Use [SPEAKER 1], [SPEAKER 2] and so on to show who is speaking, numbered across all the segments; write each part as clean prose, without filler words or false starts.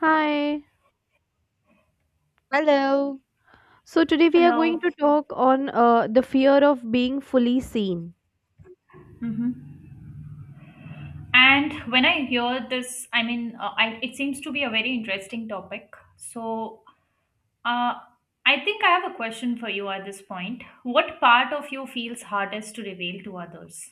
[SPEAKER 1] Hi.
[SPEAKER 2] Hello.
[SPEAKER 1] So today we are going
[SPEAKER 3] Hello.
[SPEAKER 1] to talk on the fear of being fully seen.
[SPEAKER 3] hmm And when I hear this, it seems to be a very interesting topic. Uh, I think I have a question for you at this point. What part of you feels hardest to reveal to others?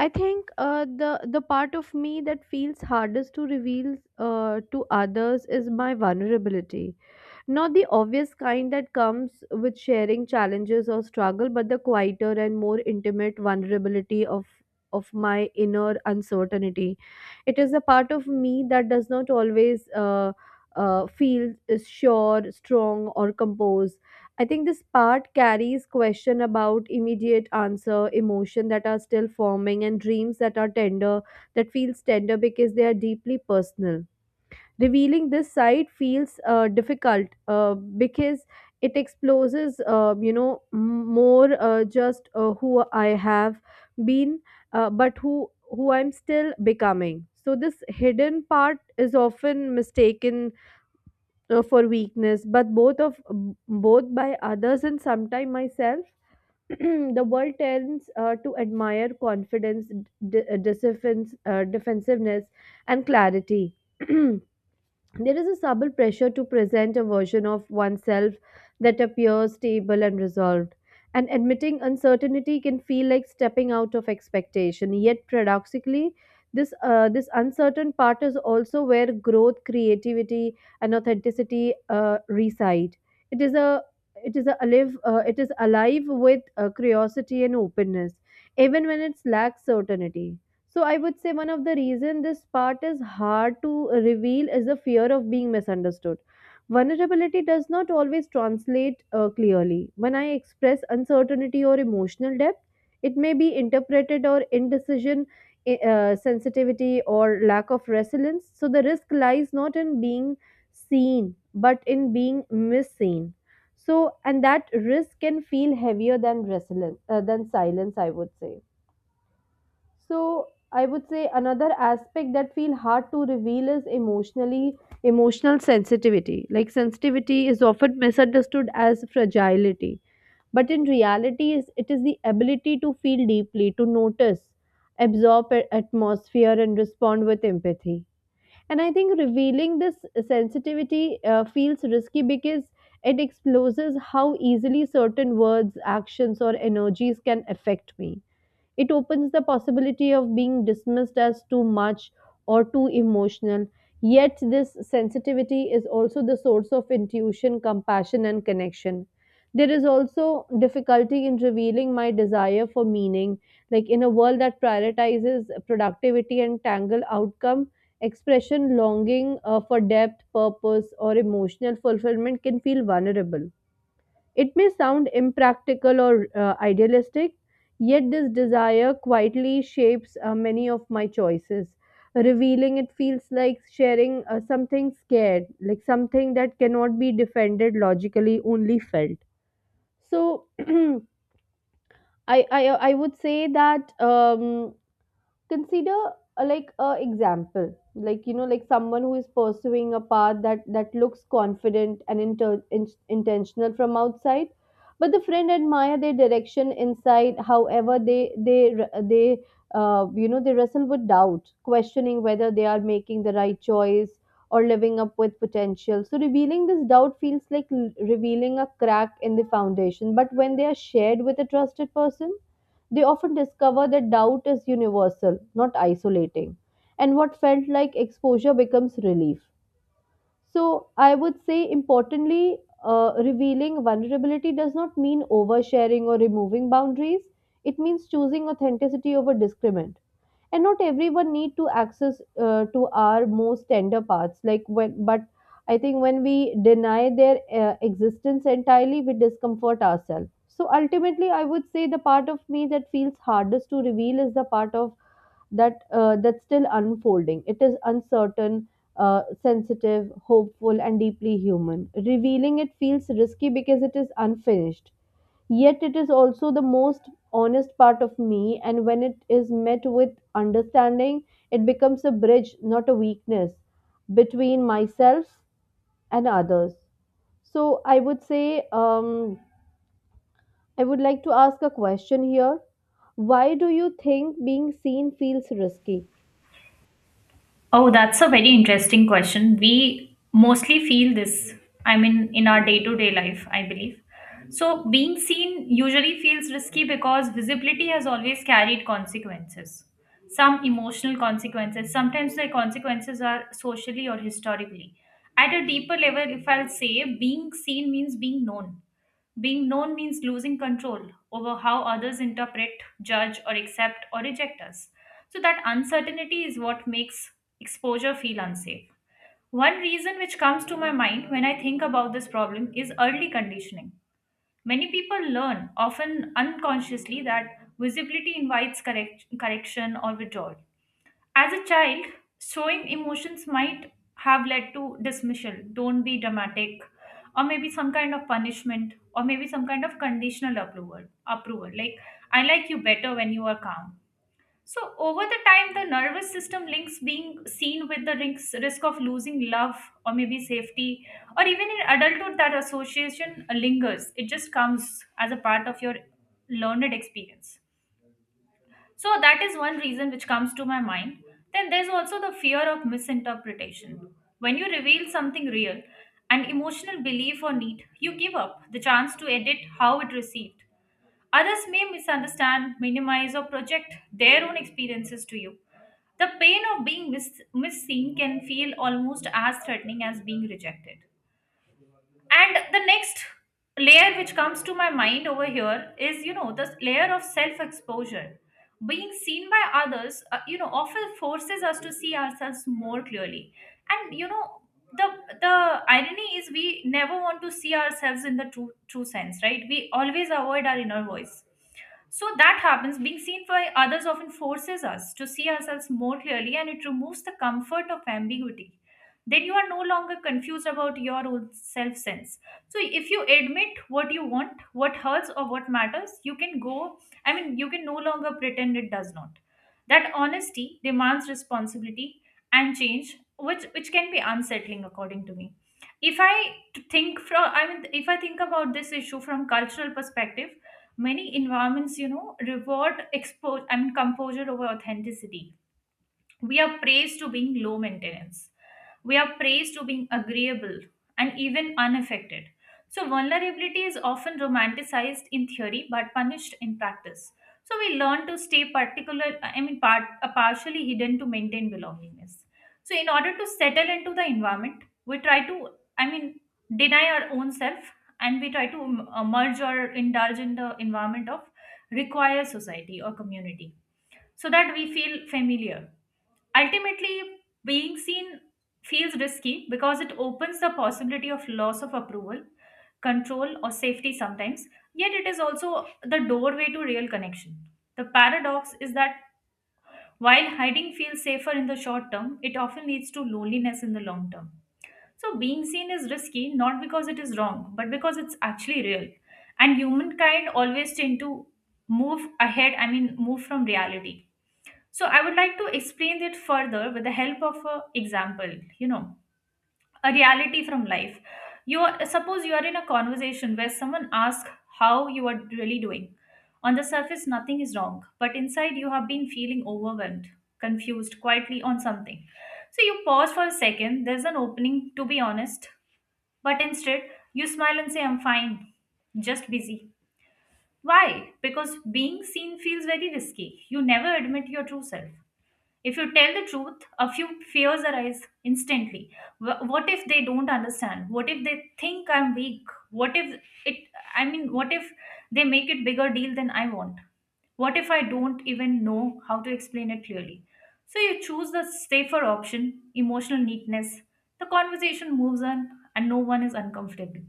[SPEAKER 1] I think the part of me that feels hardest to reveal to others is my vulnerability. Not the obvious kind that comes with sharing challenges or struggle, but the quieter and more intimate vulnerability of my inner uncertainty. It is a part of me that does not always feel is sure, strong, or composed. I think this part carries question about immediate answer, emotion that are still forming, and dreams that are tender, that feels tender because they are deeply personal. Revealing this side feels difficult because it exposes more, just who I have been, but who I'm still becoming. So this hidden part is often mistaken for weakness, but both of both by others and sometimes myself. The world tends to admire confidence, defensiveness, and clarity. There is a subtle pressure to present a version of oneself that appears stable and resolved. And admitting uncertainty can feel like stepping out of expectation. Yet, paradoxically, this uncertain part is also where growth, creativity, and authenticity reside. It is a it is a alive it is alive with curiosity and openness, even when it lacks certainty. So I would say one of the reason this part is hard to reveal is the fear of being misunderstood. Vulnerability does not always translate clearly. When I express uncertainty or emotional depth, it may be interpreted or indecision, sensitivity or lack of resilience. So the risk lies not in being seen, but in being misseen. So and that risk can feel heavier than resilience, than silence, I would say. So I would say another aspect that feel hard to reveal is emotional sensitivity. Like sensitivity is often misunderstood as fragility, but in reality, is it is the ability to feel deeply, to notice, absorb atmosphere, and respond with empathy. And I think revealing this sensitivity feels risky because it exposes how easily certain words, actions, or energies can affect me. It opens the possibility of being dismissed as too much or too emotional. Yet, this sensitivity is also the source of intuition, compassion, and connection. There is also difficulty in revealing my desire for meaning. Like in a world that prioritizes productivity and tangle outcome, expression longing for depth, purpose, or emotional fulfillment can feel vulnerable. It may sound impractical or idealistic, yet this desire quietly shapes many of my choices. Revealing it feels like sharing something scared, like something that cannot be defended logically, only felt. So I would say that consider like a example, like, you know, like someone who is pursuing a path that looks confident and intentional from outside, but the friend admire their direction inside. However, they you know, they wrestle with doubt, questioning whether they are making the right choice or living up with potential. So revealing this doubt feels like revealing a crack in the foundation, but when they are shared with a trusted person, they often discover that doubt is universal, not isolating, and what felt like exposure becomes relief. So, I would say importantly, revealing vulnerability does not mean oversharing or removing boundaries. It means choosing authenticity over discrimination, and not everyone need to access to our most tender parts. Like when, but I think when we deny their existence entirely, we discomfort ourselves. So ultimately I would say the part of me that feels hardest to reveal is the part of that that's still unfolding. It is uncertain, sensitive, hopeful, and deeply human. Revealing it feels risky because it is unfinished. Yet it is also the most honest part of me, and when it is met with understanding, it becomes a bridge, not a weakness, between myself and others. So I would say, I would like to ask a question here. Why do you think being seen feels risky?
[SPEAKER 3] Oh, that's a very interesting question. We mostly feel this, I mean, in our day to day life, I believe. So, being seen usually feels risky because visibility has always carried consequences. Some emotional consequences, sometimes the consequences are socially or historically. At a deeper level, if I'll say, being seen means being known means losing control over how others interpret, judge, or accept or reject us. So, that uncertainty is what makes exposure feel unsafe. One reason which comes to my mind when I think about this problem is early conditioning. Many people learn, often unconsciously, that visibility invites correction or withdrawal. As a child, showing emotions might have led to dismissal, don't be dramatic, or maybe some kind of punishment, or maybe some kind of conditional approval. Approval like I like you better when you are calm. So over the time, the nervous system links being seen with the risk of losing love or maybe safety, or even in adulthood, that association lingers. It just comes as a part of your learned experience. So that is one reason which comes to my mind. Then there's also the fear of misinterpretation. When you reveal something real, an emotional belief or need, you give up the chance to edit how it received. Others may misunderstand, minimize, or project their own experiences to you. The pain of being misseen can feel almost as threatening as being rejected, and the next layer which comes to my mind over here is, this layer of self exposure. Being seen by others often forces us to see ourselves more clearly, and you know the the irony is we never want to see ourselves in the true sense, right? We always avoid our inner voice. So that happens. Being seen by others often forces us to see ourselves more clearly, and it removes the comfort of ambiguity. Then you are no longer confused about your own self sense. So if you admit what you want, what hurts, or what matters, you can go, I mean, you can no longer pretend it does not. That honesty demands responsibility and change, which can be unsettling according to me. If I think from, I mean, if I think about this issue from cultural perspective, many environments, you know, reward expo I mean composure over authenticity. We are praised to being low maintenance. We are praised to being agreeable and even unaffected. So, vulnerability is often romanticized in theory but punished in practice. So, we learn to stay particular, I mean, partially hidden to maintain belongingness. So, in order to settle into the environment, we try to, I mean, deny our own self, and we try to merge or indulge in the environment of required society or community so that we feel familiar. Ultimately, being seen feels risky because it opens the possibility of loss of approval, control, or safety sometimes, yet it is also the doorway to real connection. The paradox is that while hiding feels safer in the short term, it often leads to loneliness in the long term. So, being seen is risky not because it is wrong, but because it's actually real. And humankind always tend to move ahead, I mean, move from reality. So I would like to explain it further with the help of an example, you know, a reality from life. You are, suppose you are in a conversation where someone asks how you are really doing. On the surface, nothing is wrong, but inside you have been feeling overwhelmed, confused, quietly on something. So you pause for a second, there's an opening to be honest, but instead you smile and say, I'm fine, just busy. Why? Because being seen feels very risky. You never admit your true self. If you tell the truth, a few fears arise instantly. What if they don't understand? What if they think I'm weak? What if it, what if they make it bigger deal than I want? What if I don't even know how to explain it clearly? So you choose the safer option, emotional neatness. The conversation moves on and no one is uncomfortable.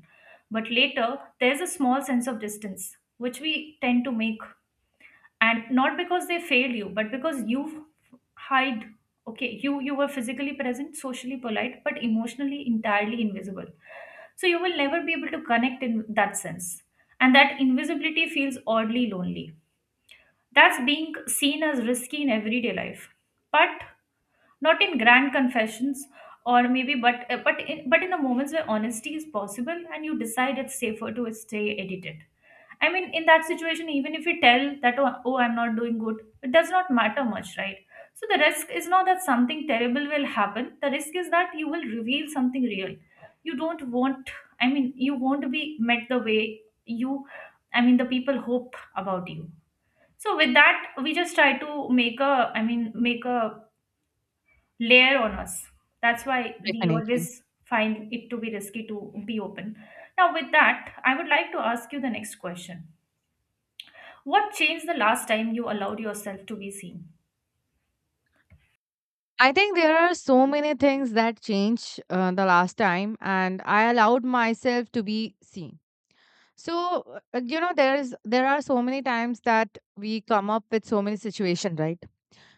[SPEAKER 3] But later, there's a small sense of distance, which we tend to make, and not because they failed you but because you hide. Okay, you were physically present, socially polite, but emotionally entirely invisible. So you will never be able to connect in that sense, and that invisibility feels oddly lonely. That's being seen as risky in everyday life, but not in grand confessions, or maybe, but in the moments where honesty is possible and you decide it's safer to stay edited. I mean, in that situation, even if we tell that, oh, I'm not doing good, it does not matter much, right? So the risk is not that something terrible will happen. The risk is that you will reveal something real. You don't want, I mean, You won't be met the way you, I mean, the people hope about you. So with that, we just try to make a layer on us. That's why we
[SPEAKER 2] Definitely.
[SPEAKER 3] always find it to be risky to be open. Now, with that, I would like to ask you the next question: what changed the last time you allowed yourself to be seen?
[SPEAKER 2] I think there are so many things that change the last time, and I allowed myself to be seen. So you know, there are so many times that we come up with so many situations, right?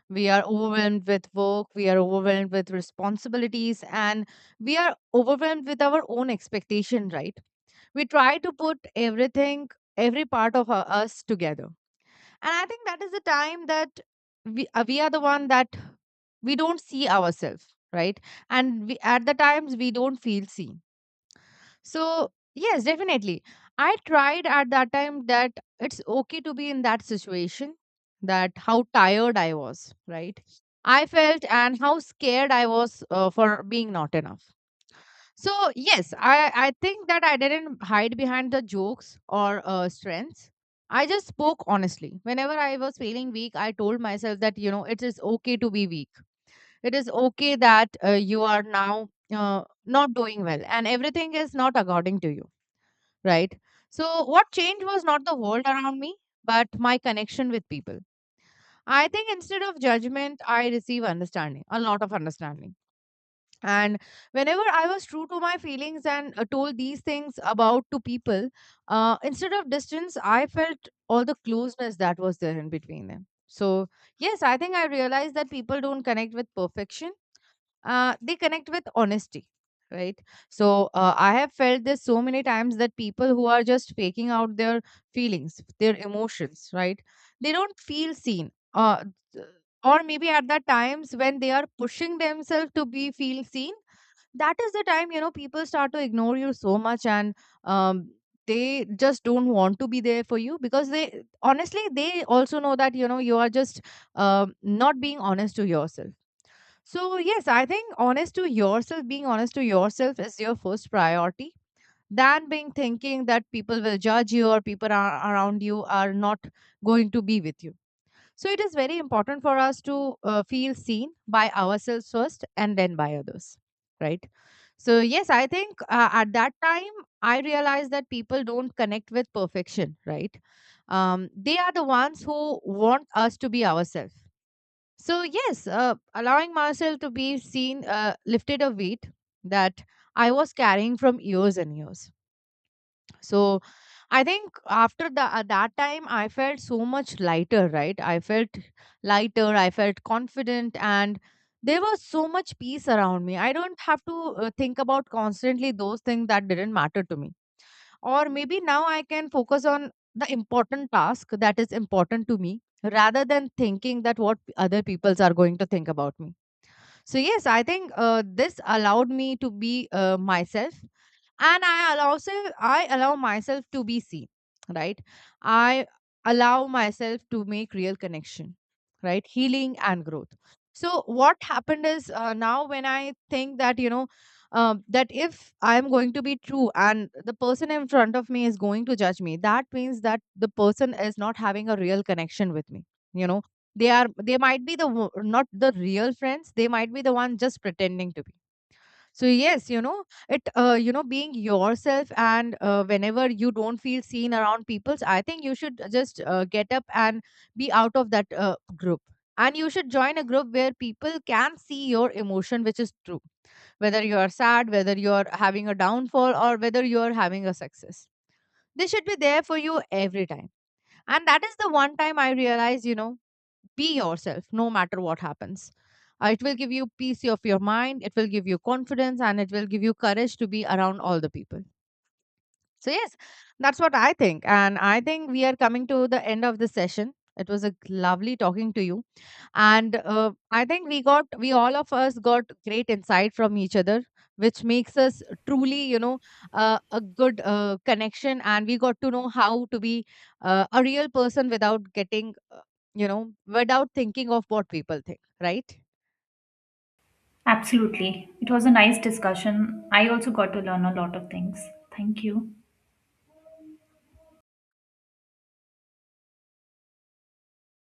[SPEAKER 2] We are overwhelmed with work, we are overwhelmed with responsibilities, and we are overwhelmed with our own expectation, right? We try to put everything, every part of our, us together, and I think that is the time that we are the one that we don't see ourselves, right? And we, at the times, we don't feel seen. So yes, definitely, I tried at that time that it's okay to be in that situation, that how tired I was, right? I felt, and how scared I was for being not enough. So yes, I think that I didn't hide behind the jokes or strengths. I just spoke honestly. Whenever I was feeling weak, I told myself that you know it is okay to be weak. It is okay that you are now not doing well, and everything is not according to you, right? So what changed was not the world around me, but my connection with people. I think instead of judgment, I receive understanding, a lot of understanding. And whenever I was true to my feelings and told these things about to people, instead of distance I felt all the closeness that was there in between them. So yes, I think I realized that people don't connect with perfection, they connect with honesty, right? So I have felt this so many times that people who are just faking out their feelings, their emotions, right, they don't feel seen. Th- or maybe at the times when they are pushing themselves to be feel seen, that is the time you know people start to ignore you so much. And um, they just don't want to be there for you because they honestly, they also know that you know you are just not being honest to yourself. So yes, I think honest to yourself, being honest to yourself is your first priority than being thinking that people will judge you or people are around you are not going to be with you. So it is very important for us to feel seen by ourselves first and then by others, right? So yes, I think at that time, I realized that people don't connect with perfection, right? They are the ones who want us to be ourselves. So yes, allowing myself to be seen lifted a weight that I was carrying from years and years. So I think after that time I felt so much lighter, right? I felt lighter, I felt confident, and there was so much peace around me. I don't have to think about constantly those things that didn't matter to me, or maybe now I can focus on the important task that is important to me, rather than thinking that what other peoples are going to think about me. So yes, I think this allowed me to be myself, and I allow myself to be seen, right? I allow myself to make real connection, right, healing and growth. So what happened is, now when I think that you know, that if I'm going to be true and the person in front of me is going to judge me, that means that the person is not having a real connection with me, you know. They might be not the real friends, they might be the one just pretending to be. So yes, you know, it you know being yourself, and whenever you don't feel seen around peoples, I think you should just get up and be out of that group, and you should join a group where people can see your emotion which is true, whether you are sad, whether you are having a downfall, or whether you are having a success. They should be there for you every time. And that is the one time I realized, you know, be yourself no matter what happens. It will give you peace of your mind, it will give you confidence, and it will give you courage to be around all the people. So yes, that's what I think. And I think we are coming to the end of the session. It was a lovely talking to you, and I think we all of us got great insight from each other, which makes us truly you know a good connection, and we got to know how to be a real person without getting you know without thinking of what people think, right?
[SPEAKER 3] Absolutely. It was a nice discussion. I also got to learn a lot of things. Thank you.